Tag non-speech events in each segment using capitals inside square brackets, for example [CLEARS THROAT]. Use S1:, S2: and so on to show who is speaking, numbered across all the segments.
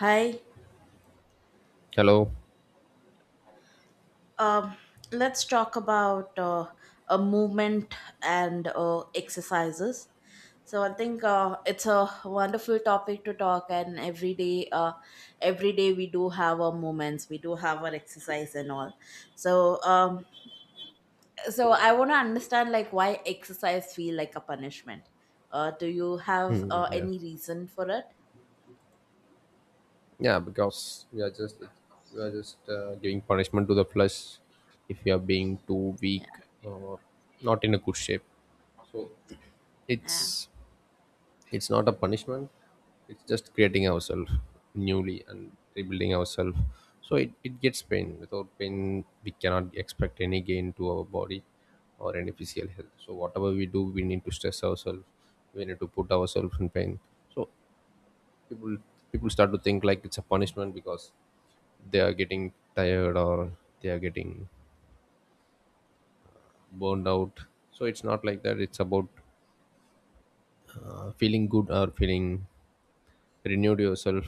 S1: Hi.
S2: Hello.
S1: Um, let's talk about a movement and exercises. So I think it's a wonderful topic to talk, and every day we do have our movements, we do have our exercise and all. So, um, so I want to understand like why exercise feel like a punishment. Do you have
S2: Hmm, yeah.
S1: any reason for it?
S2: Yeah, because we are just giving punishment to the flesh if we are being too weak
S1: Yeah.
S2: or not in a good shape. So
S1: Yeah.
S2: it's it's not a punishment. It's just creating ourselves newly and rebuilding ourselves. So it gets pain. Without pain, we cannot expect any gain to our body or any physical health. So whatever we do, we need to stress ourselves. We need to put ourselves in pain. So people people start to think like it's a punishment because they are getting tired or they are getting burned out. So it's not like that. It's about feeling good or feeling renewed yourself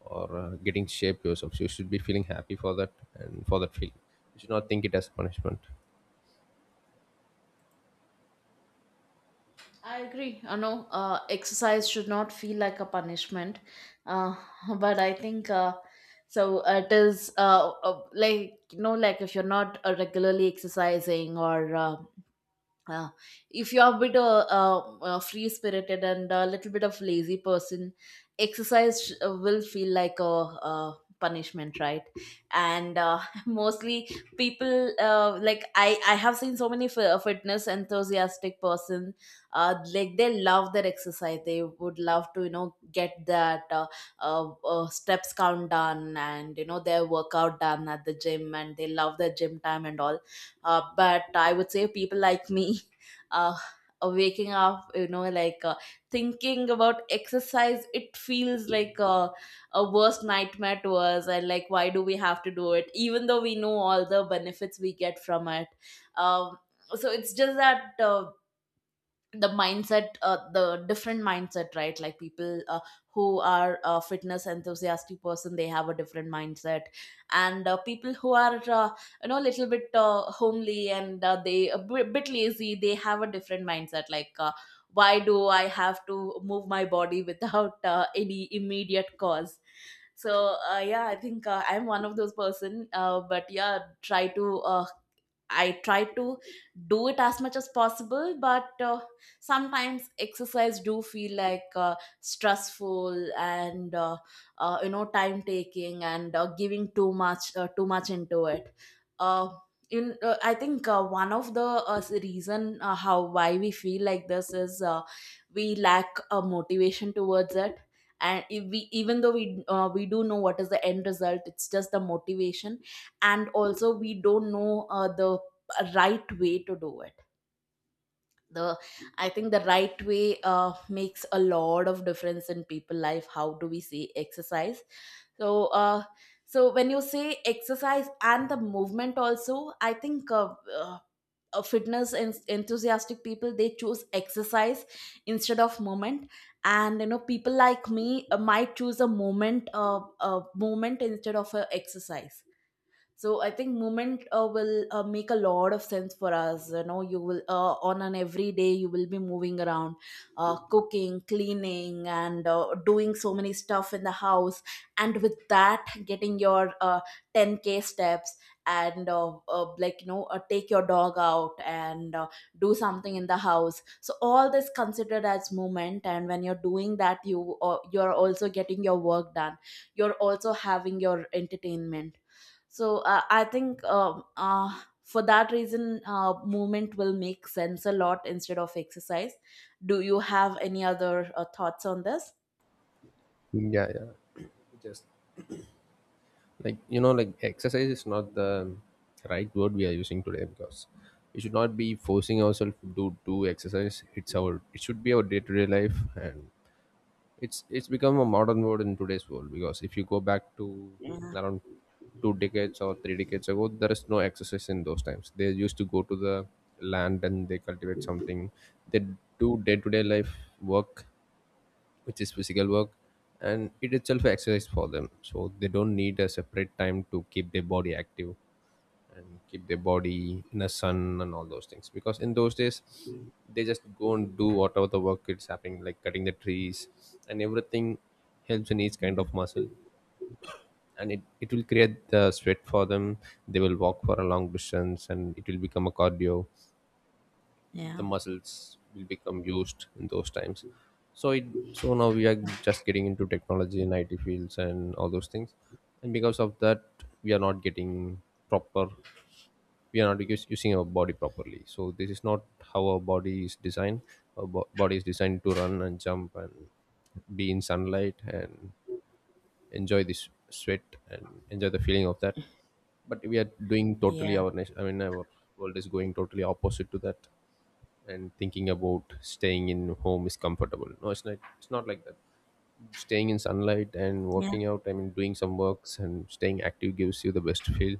S2: or getting shape yourself, so you should be feeling happy for that, and for that feeling you should not think it as punishment.
S1: I agree. You know, exercise should not feel like a punishment. Uh, [LAUGHS] but I think It is like you know, like if you're not regularly exercising or uh, if you're a bit free spirited and a little bit of lazy person, exercise will feel like a punishment, right, and [LAUGHS] mostly people, like I have seen so many fitness enthusiastic person, like they love their exercise, they would love to you know get that steps count done, and you know their workout done at the gym, and they love their gym time and all. But I would say people like me, [LAUGHS] uh, waking up you know like thinking about exercise, it feels like a worst nightmare to us, and like why do we have to do it even though we know all the benefits we get from it. um, so it's just that, the different mindset, right, like people who are fitness enthusiastic person, they have a different mindset, and people who are, you know, a little bit homely and they a bit lazy, they have a different mindset, like, why do I have to move my body without any immediate cause? So yeah, I think I'm one of those person, but yeah, try to I try to do it as much as possible, but sometimes exercise do feel like, stressful, and you know, time taking, and giving too much into it. Uh, I think one of the reason, how why we feel like this is, we lack motivation towards it, and if we even though we do know what is the end result, it's just the motivation, and also we don't know, the a right way to do it. The I think the right way makes a lot of difference in people life. How do we say exercise? So uh, so when you say exercise and the movement also, I think uh, enthusiastic people, they choose exercise instead of movement, and you know people like me might choose a movement instead of a exercise. So I think movement will make a lot of sense for us. You know, you will on an everyday you will be moving around, cooking, cleaning, and doing so many stuff in the house, and with that getting your 10K steps, and like you know take your dog out and do something in the house. So all this considered as movement, and when you're doing that, you're also getting your work done, you're also having your entertainment. So I think, for that reason, movement will make sense a lot instead of exercise. Do you have any other thoughts on this?
S2: Yeah, yeah, just like like exercise is not the right word we are using today, because we should not be forcing ourselves to do exercise. It should be our day-to-day life. And It's become a modern word in today's world, because if you go back to
S1: Yeah,
S2: around 2 decades or 3 decades ago, there is no exercise in those times. They used to go to the land and they cultivate something. They do day to day life work, which is physical work, and it itself exercise for them. So they don't need a separate time to keep their body active and keep their body in the sun and all those things, because in those days they just go and do whatever the work is happening, like cutting the trees, and everything helps in each kind of muscle, and it will create the sweat for them. They will walk for a long distance and it will become a cardio. The
S1: yeah,
S2: muscles will become used in those times. so it so now we are just getting into technology and it fields and all those things, and because of that we are not getting proper, we are not us- using our body properly. So this is not how our body is designed. Our body is designed to run and jump and be in sunlight and enjoy this sweat and enjoy the feeling of that, but we are doing totally
S1: yeah,
S2: our I mean, our world is going totally opposite to that. And thinking about staying in home is comfortable. No, it's not. It's not like that. Staying in sunlight and
S1: yeah,
S2: working out, I mean doing some works and staying active, gives you the best feel,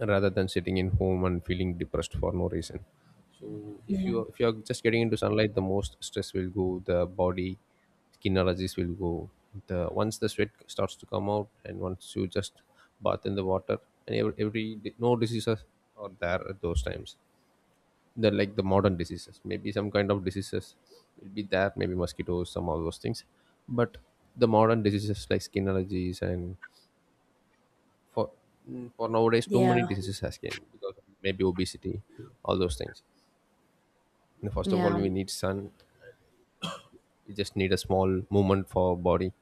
S2: rather than sitting in home and feeling depressed for no reason. So if you
S1: yeah,
S2: if you are just getting into sunlight, the most stress will go the body, skin allergies will go. The Once the sweat starts to come out and once you just bath in the water, and no diseases are there at those times. They're like the modern diseases. Maybe some kind of diseases will be there, maybe mosquitoes, some of those things. But the modern diseases like skin allergies, and for for nowadays, too
S1: yeah,
S2: many diseases has came because of maybe obesity, all those things. And first of all
S1: yeah.
S2: we need sun. We just need a small movement for our body,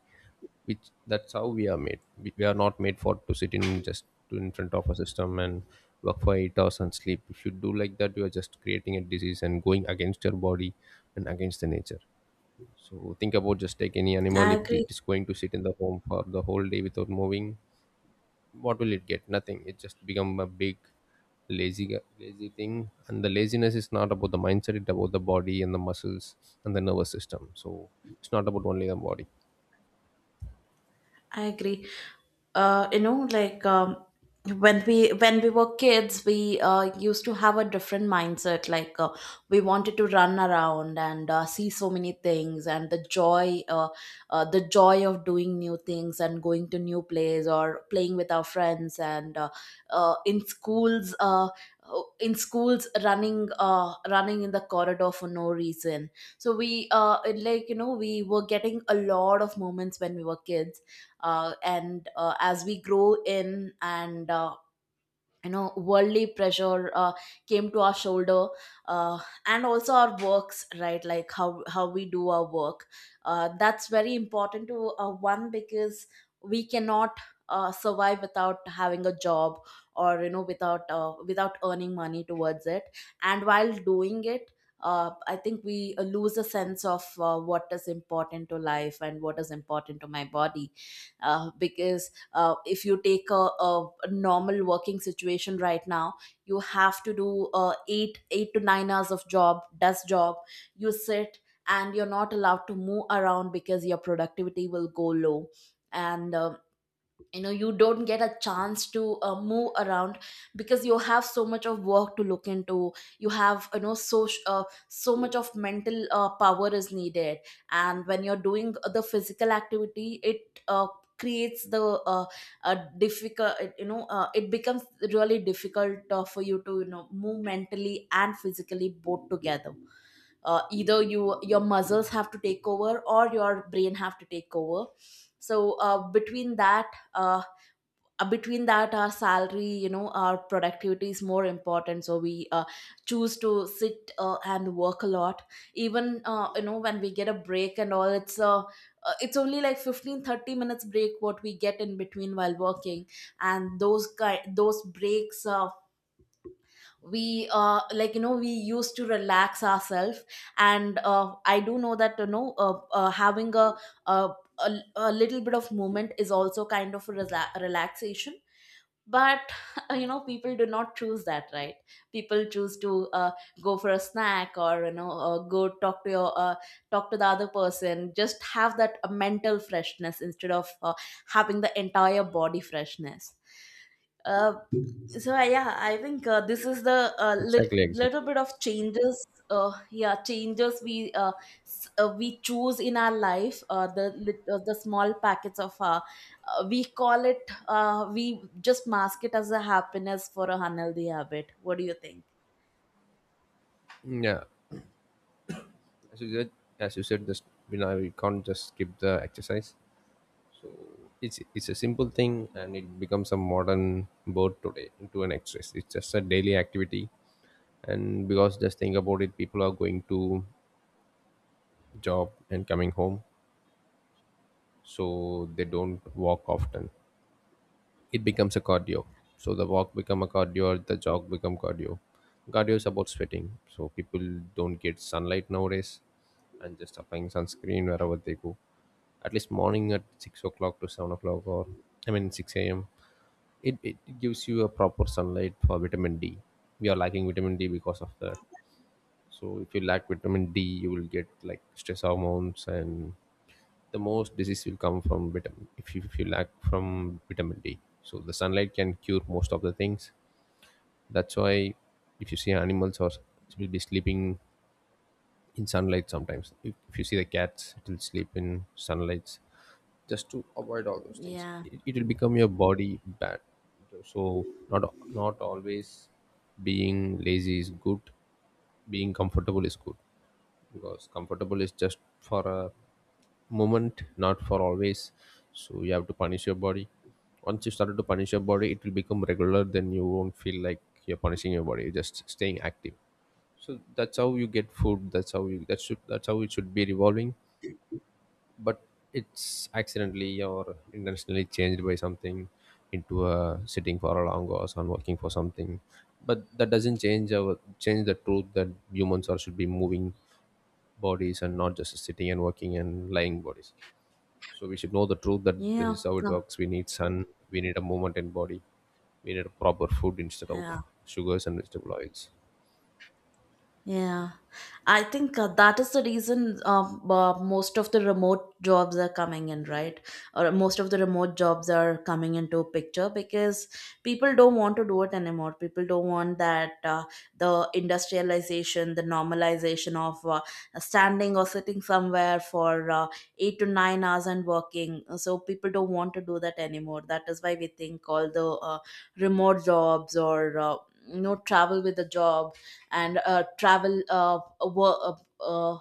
S2: which that's how we are made. We are not made for to sit in just to in front of a system and work for 8 hours and sleep. If you do like that, you are just creating a disease and going against your body and against the nature. So think about, just take any
S1: I
S2: animal, if it
S1: agree.
S2: is going to sit in the home for the whole day without moving, what will it get? Nothing. It just become a big lazy thing, and the laziness is not about the mindset, it's about the body and the muscles and the nervous system. So it's not about only the body.
S1: I agree. You know, like, when we were kids, we used to have a different mindset. Like, we wanted to run around and see so many things, and the joy of doing new things and going to new place or playing with our friends, and uh, in schools, uh, in schools, running in the corridor for no reason. So like you know, we were getting a lot of moments when we were kids. And as we grow in, and you know worldly pressure came to our shoulder, uh, and also our works, right, like how we do our work. That's very important to one, because we cannot survive without having a job, or you know without earning money towards it, and while doing it, I think we lose a sense of what is important to life and what is important to my body, because if you take a normal working situation right now, you have to do 8 to 9 hours of job desk job. You sit, and you're not allowed to move around, because your productivity will go low, and you know you don't get a chance to move around, because you have so much of work to look into. You know, so much of mental power is needed, and when you're doing the physical activity, it creates the uh, difficult you know, it becomes really difficult for you to you know move mentally and physically both together. Either your muscles have to take over, or your brain have to take over. So between that our salary, you know, our productivity is more important, so we choose to sit and work a lot. Even you know, when we get a break and all, it's only like 15-30 minutes break what we get in between while working, and those breaks, we like you know we used to relax ourselves, and I do know that you know having a a, a little bit of movement is also kind of a relaxation. But [LAUGHS] you know, people do not choose that, right? People choose to go for a snack, or you know go talk to your talk to the other person, just have that mental freshness instead of having the entire body freshness. uh, so, yeah, I think this is the
S2: Exactly,
S1: little
S2: exactly.
S1: bit of changes. Yeah, changes we we choose in our life. The the small packets of we call it. We just mask it as a happiness for a unhealthy habit. What do you think?
S2: Yeah, as you said as you said this, we can't just skip the exercise. It's a simple thing, and it becomes a modern word today into an exercise. It's just a daily activity. And because, just think about it, people are going to job and coming home, so they don't walk often. It becomes a cardio. So the walk become a cardio, or the jog become cardio. Cardio is about sweating, so people don't get sunlight nowadays, and just applying sunscreen wherever they go. At least morning at 6 o'clock to 7 o'clock, or I mean 6 a.m., it gives you a proper sunlight for vitamin D. We are lacking vitamin D because of that. So if you lack vitamin D, you will get like stress hormones, and the most disease will come from vitamin. If you lack from vitamin D, so the sunlight can cure most of the things. That's why, if you see animals, or will be sleeping in sunlight sometimes. If you see the cats, it will sleep in sunlights just to avoid all those things.
S1: Yeah.
S2: It will become your body bad. So not always being lazy is good, being comfortable is good, because comfortable is just for a moment, not for always. So you have to punish your body. Once you started to punish your body, it will become regular, then you won't feel like you're punishing your body, you're just staying active. So that's how you get food, that's how it should be revolving. But it's accidentally or intentionally changed by something into a sitting for a long hours and working for something, but that doesn't change our change the truth that humans are should be moving bodies, and not just sitting and working and lying bodies. So we should know the
S1: Oh,
S2: truth, that this
S1: yeah.
S2: is how it works. We need sun, we need a movement in body, we need a proper food instead of
S1: No.
S2: sugars and vegetable oils.
S1: Yeah, I think that is the reason, most of the remote jobs are coming in, right? Or most of the remote jobs are coming into picture because people don't want to do it anymore. People don't want that, the industrialization, the normalization of standing or sitting somewhere for 8 to 9 hours and working. So people don't want to do that anymore. That is why we think all the remote jobs, or no travel with the job, and uh,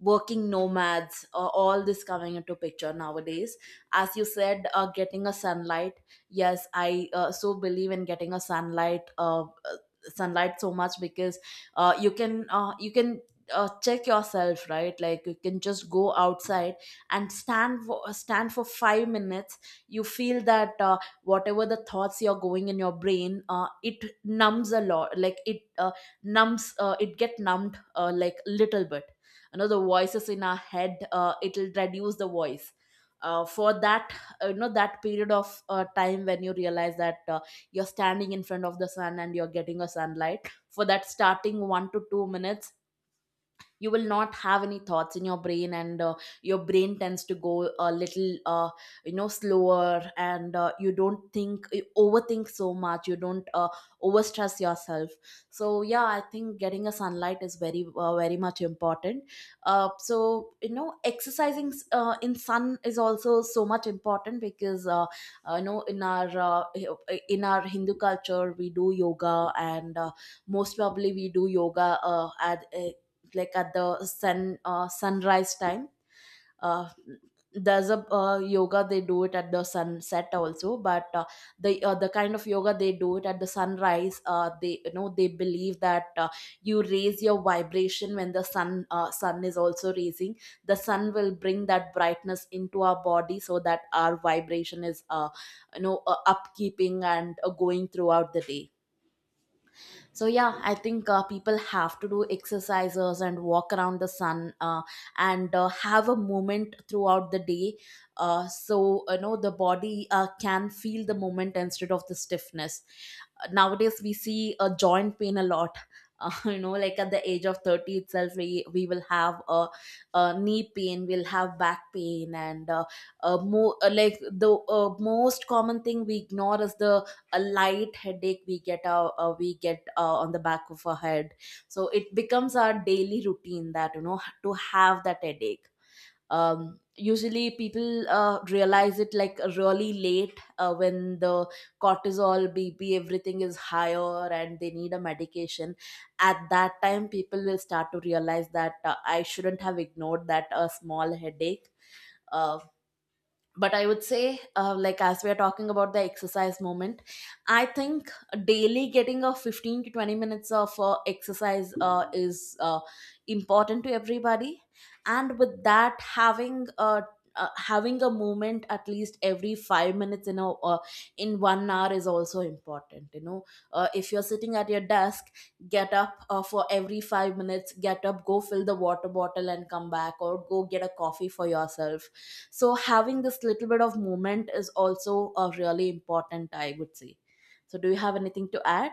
S1: working nomads, all this coming into picture nowadays. As you said, getting a sunlight, yes, I so believe in getting a sunlight so much, because you can check yourself, right, like you can just go outside and stand for 5 minutes. You feel that whatever the thoughts you're going in your brain, it numbs a lot, like it get numbed, like little bit, you know, the voices in our head, it'll reduce the voice, for that you know, that period of time when you realize that you're standing in front of the sun and you're getting a sunlight. For that starting 1 to 2 minutes, you will not have any thoughts in your brain, and your brain tends to go a little, you know, slower, and you don't think you overthink so much, you don't overstress yourself. So yeah, I think getting a sunlight is very much important. So you know exercising in sun is also so much important, because you know, in our Hindu culture we do yoga, and most probably we do yoga at like at the sunrise time. uh, there's a yoga they do it at the sunset also, but the kind of yoga they do it at the sunrise, they you know they believe that you raise your vibration when the sun is also raising. The sun will bring that brightness into our body, so that our vibration is you know upkeeping and going throughout the day. So yeah, I think people have to do exercises and walk around the sun, and have a moment throughout the day. So you know, the body can feel the moment instead of the stiffness. Nowadays we see a joint pain a lot, [LAUGHS] you know, like at the age of 30 itself, we will have a knee pain, we'll have back pain, and more like the uh, most common thing we ignore is the a light headache we get, we get on the back of our head. So it becomes our daily routine that, you know, to have that headache. Usually people realize it like really late, when the cortisol, BP, everything is higher and they need a medication. At that time people will start to realize that I shouldn't have ignored that small headache. Uh, but I would say, like, as we are talking about the exercise moment, I think daily getting a 15 to 20 minutes of exercise is important to everybody. And with that, having a movement at least every 5 minutes in a in 1 hour is also important, you know. If you're sitting at your desk, get up for every 5 minutes, get up, go fill the water bottle and come back, or go get a coffee for yourself. So having this little bit of movement is also a really important, I would say. So, do you have anything to add?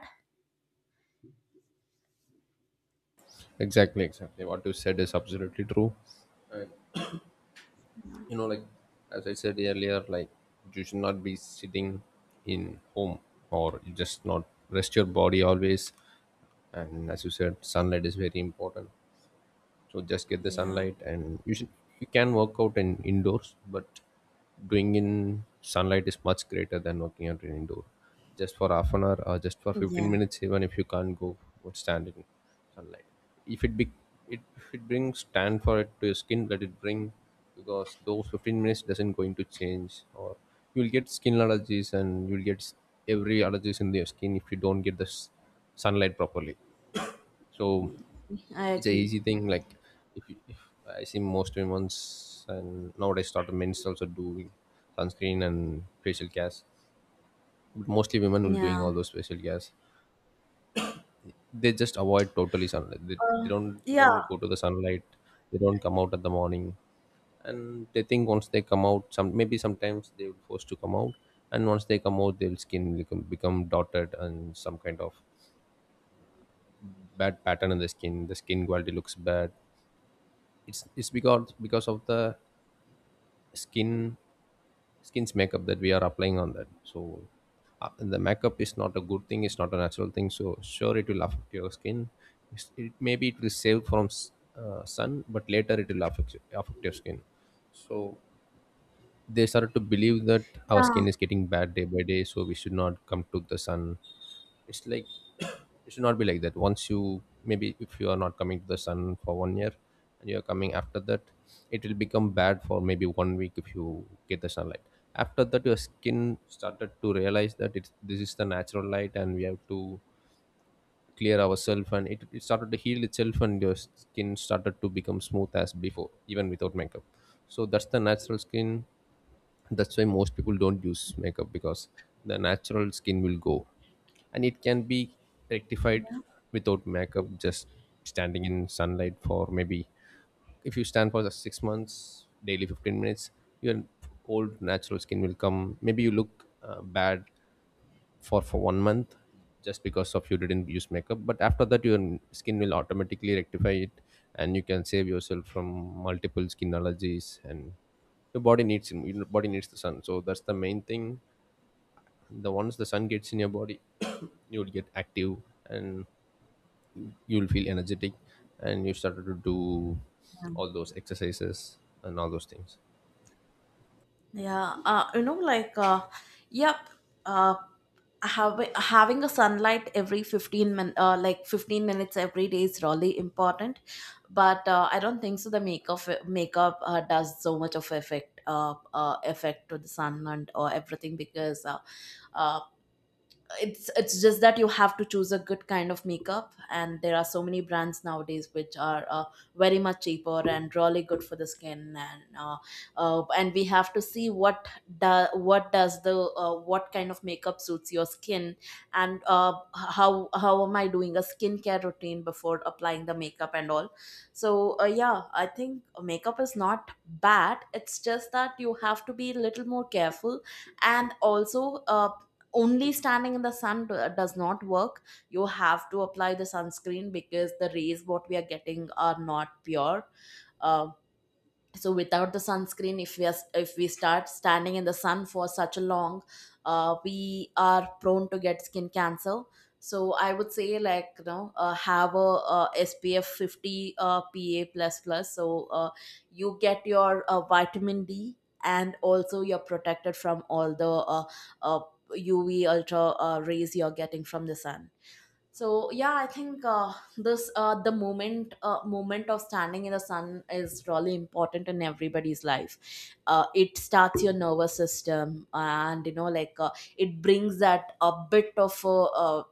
S2: Exactly, exactly, what you said is absolutely true. And, like, as I said earlier, like, you should not be sitting in home, or you just not rest your body always. And as you said, sunlight is very important. So just get the
S1: Yeah,
S2: sunlight, and you can work out in indoors, but doing in sunlight is much greater than working out in indoor, just for half an hour or just for
S1: yeah,
S2: 15 minutes. Even if you can't go or stand in sunlight, if it be if it brings tan for it to your skin, let it bring, because those 15 minutes doesn't going to change. Or you'll get skin allergies, and you'll get every allergies in your skin if you don't get the sunlight properly. So
S1: I
S2: it's a
S1: agree.
S2: easy thing. Like, if I see, most women's and nowadays started men's also doing sunscreen and facial cares, but mostly women will doing
S1: Yeah.
S2: all those facial cares. They just avoid totally sunlight. They
S1: uh,
S2: don't
S1: yeah,
S2: even go to the sunlight, they don't come out at the morning, and they think once they come out, some, maybe sometimes they will force to come out, and once they come out, their skin become dotted and some kind of bad pattern in the skin, the skin quality looks bad. It's because of the skin skin's makeup that we are applying on that. So the makeup is not a good thing, it's not a natural thing, so sure it will affect your skin. It maybe it will save from sun, but later it will affect your skin. So they started to believe that our
S1: yeah,
S2: skin is getting bad day by day, so we should not come to the sun. It's like [CLEARS THROAT] it should not be like that. Once you, maybe if you are not coming to the sun for 1 year and you are coming after that, it will become bad for maybe 1 week. If you get the sunlight, after that your skin started to realize that this is the natural light, and we have to clear ourselves, and it started to heal itself, and your skin started to become smooth as before, even without makeup. So that's the natural skin. That's why most people don't use makeup, because the natural skin will go, and it can be rectified without makeup, just standing in sunlight for maybe, if you stand for the 6 months daily 15 minutes, your old natural skin will come. Maybe you look bad for 1 month, just because of you didn't use makeup, but after that your skin will automatically rectify it, and you can save yourself from multiple skin allergies. And your body needs the sun. So that's the main thing. The Once the sun gets in your body, you will get active, and you will feel energetic, and you started to do all those exercises and all. Those things.
S1: yeah. You know, like, yep. uh, having a sunlight every 15 min, like, 15 minutes every day is really important. But I don't think so the makeup does so much of effect effect to the sun and or everything, because uh, it's just that you have to choose a good kind of makeup, and there are so many brands nowadays which are very much cheaper and really good for the skin, and we have to see what do, what does the what kind of makeup suits your skin. And how am I doing a skincare routine before applying the makeup and all. So yeah, I think makeup is not bad, it's just that you have to be a little more careful. And also only standing in the sun does not work. You have to apply the sunscreen, because the rays what we are getting are not pure. Uh, so without the sunscreen, if we are, if we start standing in the sun for such a long, we are prone to get skin cancer. So I would say, like, you know, have a SPF 50, PA++, so you get your vitamin D, and also you're protected from all the uh, uh, UV ultra rays you're getting from the sun. So yeah, I think this the moment moment of standing in the sun is really important in everybody's life. It starts your nervous system, and, you know, like, it brings that a bit of uh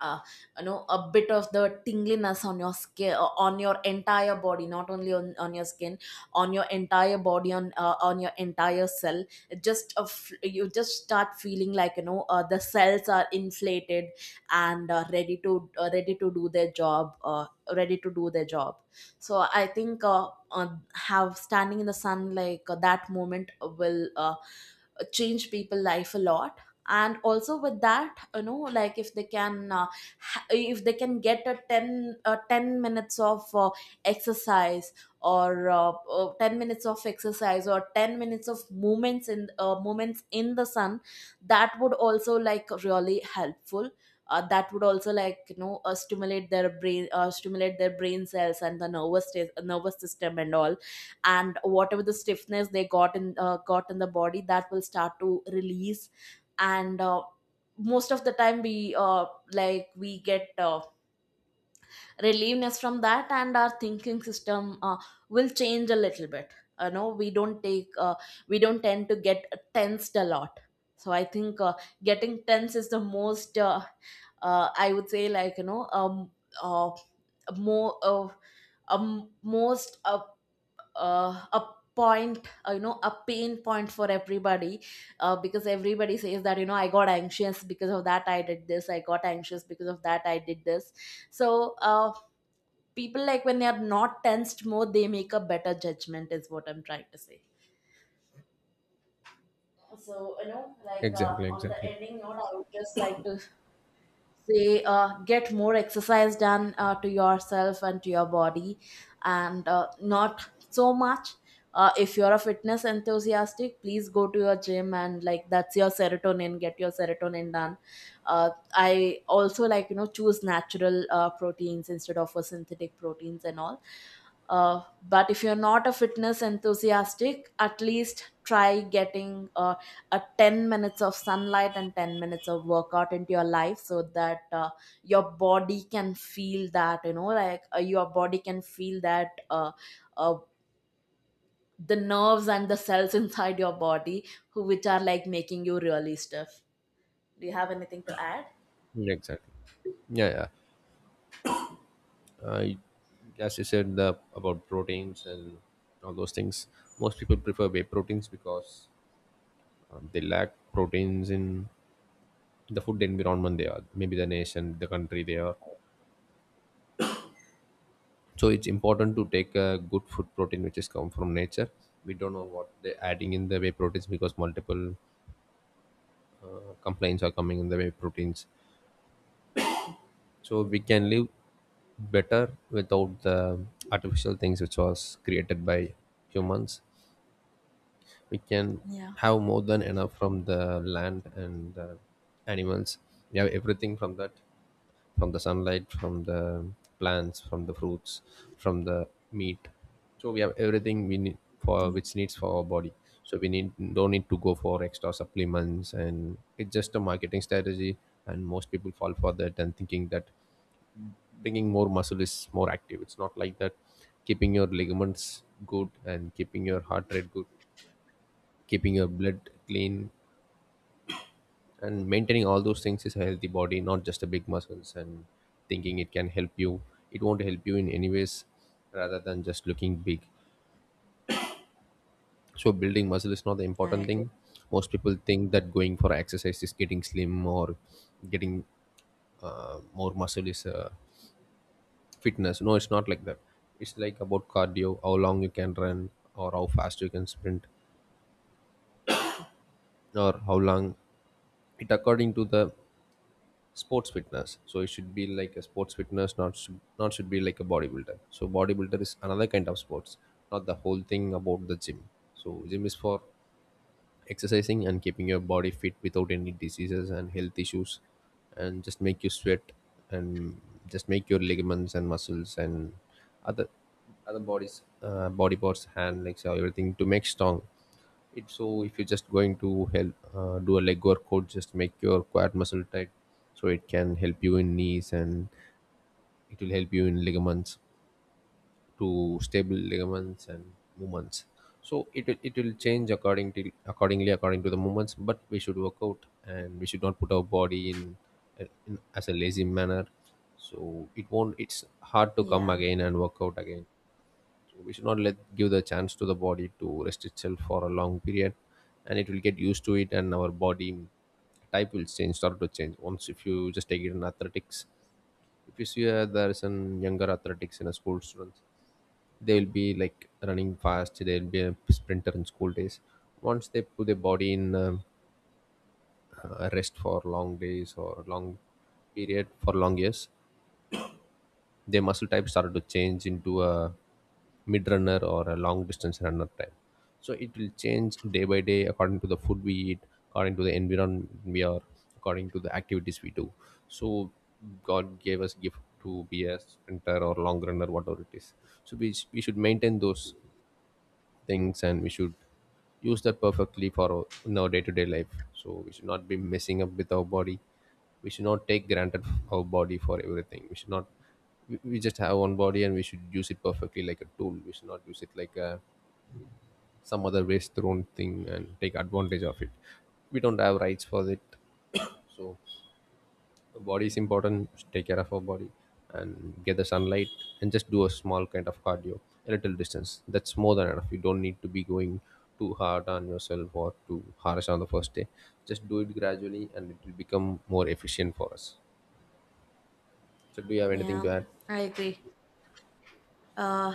S1: uh, you know, a bit of the tingliness on your skin, on your entire body, not only on your skin, on your entire body, on your entire cell. It just a f- You just start feeling like, you know, the cells are inflated and ready to ready to do their job, ready to do their job. So I think, have standing in the sun, like, that moment will change people life a lot. And also with that, you know, like, if they can if they can get a 10, 10 minutes of exercise, or 10 minutes of exercise, or 10 minutes of movements in, movements in the sun, that would also like really helpful. That would also, like, you know, stimulate their brain, stimulate their brain cells and the nervous system and all. And whatever the stiffness they got in the body, that will start to release. And most of the time we like, we get relieveness from that, and our thinking system will change a little bit. You know, we don't tend to get tensed a lot. So I think getting tense is the most, I would say, like, you know, uh, more most a point, you know, a pain point for everybody. Because everybody says that, you know, I got anxious because of that, I did this, I got anxious because of that, I did this. So people, like, when they are not tensed more, they make a better judgment, is what I'm trying to say. So, you know, like,
S2: exactly
S1: on the
S2: exactly
S1: ending note I would just like to say, get more exercise done to yourself and to your body. And not so much. If you're a fitness enthusiastic, please go to your gym, and like, that's your serotonin, get your serotonin done. I also, like, you know, choose natural proteins instead of synthetic proteins and all. But if you're not a fitness enthusiastic, at least try getting a 10 minutes of sunlight and 10 minutes of workout into your life, so that your body can feel that, you know, like, your body can feel that uh, the nerves and the cells [LAUGHS] inside your body, who which are, like, making you really stiff. Do you have anything to add?
S2: exactly Yeah. I, as you said, the about proteins and all those things. Most people prefer whey proteins because they lack proteins in the food environment they are, maybe the nation, the country they are. So it's important to take a good food protein which is come from nature. We don't know what they're adding in the whey proteins because multiple complaints are coming in the whey proteins. So we can live better without the artificial things which was created by humans. We can
S1: Yeah,
S2: have more than enough from the land and the animals. We have everything from that, from the sunlight, from the plants, from the fruits, from the meat. So we have everything we need for which needs for our body. So we need don't need to go for extra supplements, and it's just a marketing strategy, and most people fall for that and thinking that bringing more muscle is more active. It's not like that. Keeping your ligaments good and keeping your heart rate good, keeping your blood clean and maintaining all those things is a healthy body, not just a big muscles and thinking it can help you. It won't help you in any ways rather than just looking big. So building muscle is not the
S1: I
S2: important
S1: agree.
S2: thing. Most people think that going for exercise is getting slim or getting more muscle is fitness. No, it's not like that. It's like about cardio, how long you can run or how fast you can sprint, or how long it according to the sports fitness. So it should be like a sports fitness, not should be like a bodybuilder. So bodybuilder is another kind of sports, not the whole thing about the gym. So gym is for exercising and keeping your body fit without any diseases and health issues, and just make you sweat, and just make your ligaments and muscles and other other bodies body parts, hand, legs, everything to make strong it. So if you're just going to help do a leg workout, just make your quad muscle tight, so it can help you in knees, and it will help you in ligaments, to stable ligaments and movements. So it will change according to accordingly according to the movements. But we should work out and we should not put our body in as a lazy manner. So it won't. It's hard to come
S1: Yeah,
S2: again and work out again. We should not let give the chance to the body to rest itself for a long period, and it will get used to it, and our body type will change start to change once if you just take it in athletics. If you see there is some younger athletics in a school students. They will be like running fast, they'll be a sprinter in school days. Once they put their body in rest for long days or long period for long years, their muscle type started to change into a mid runner or a long distance runner type. So it will change day by day according to the food we eat, according to the environment we are, according to the activities we do. So God gave us gift to be a sprinter or long runner, whatever it is. So we should maintain those things, and we should use that perfectly for in our day-to-day life. So we should not be messing up with our body. We should not take granted our body for everything. We should not we, we just have one body and we should use it perfectly like a tool. We should not use it like a some other waste thrown thing and take advantage of it. We don't have rights for it. So body is important, take care of our body, and get the sunlight, and just do a small kind of cardio, a little distance. That's more than enough. You don't need to be going too hard on yourself or too harsh on the first day. Just do it gradually and it will become more efficient for us. So do you have anything to
S1: yeah,
S2: add?
S1: I agree. Uh,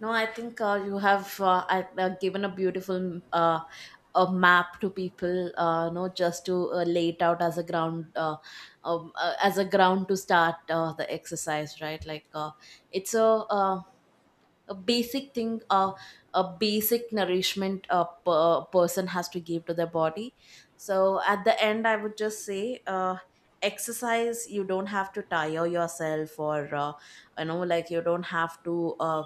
S1: no, I think you have I given a beautiful, a map to people, no, just to lay it out as a ground to start the exercise, right? Like, it's a basic thing, a basic nourishment a person has to give to their body. So at the end, I would just say. Exercise, you don't have to tire yourself, or you know, like, you don't have to uh,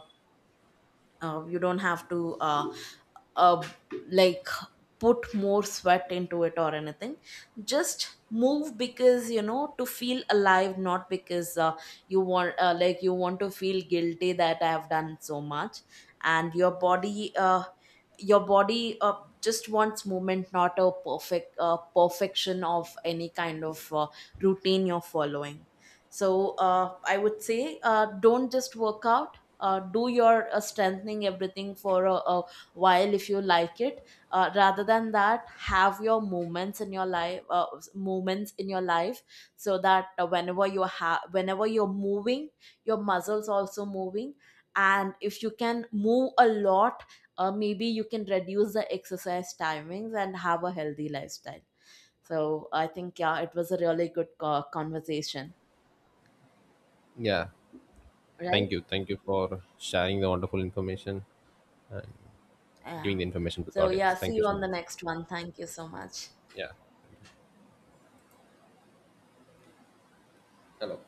S1: uh, you don't have to uh, like, put more sweat into it or anything. Just move, because, you know, to feel alive, not because you want like, you want to feel guilty that I have done so much. And your body just wants movement, not a perfection of any kind of routine you're following. So I would say, don't just work out, do your strengthening everything for a while, if you like it. Rather than that, have your moments in your life, moments in your life, so that whenever you're moving, your muscles also moving. And if you can move a lot, maybe you can reduce the exercise timings and have a healthy lifestyle. So I think, yeah, it was a really good conversation,
S2: Yeah. thank you
S1: right?
S2: thank you for sharing the wonderful information,
S1: Yeah.
S2: giving the information to the
S1: So yeah,
S2: audience.
S1: see
S2: Thank you
S1: you
S2: so
S1: on the
S2: much.
S1: next one. Thank you so much.
S2: Yeah. Hello.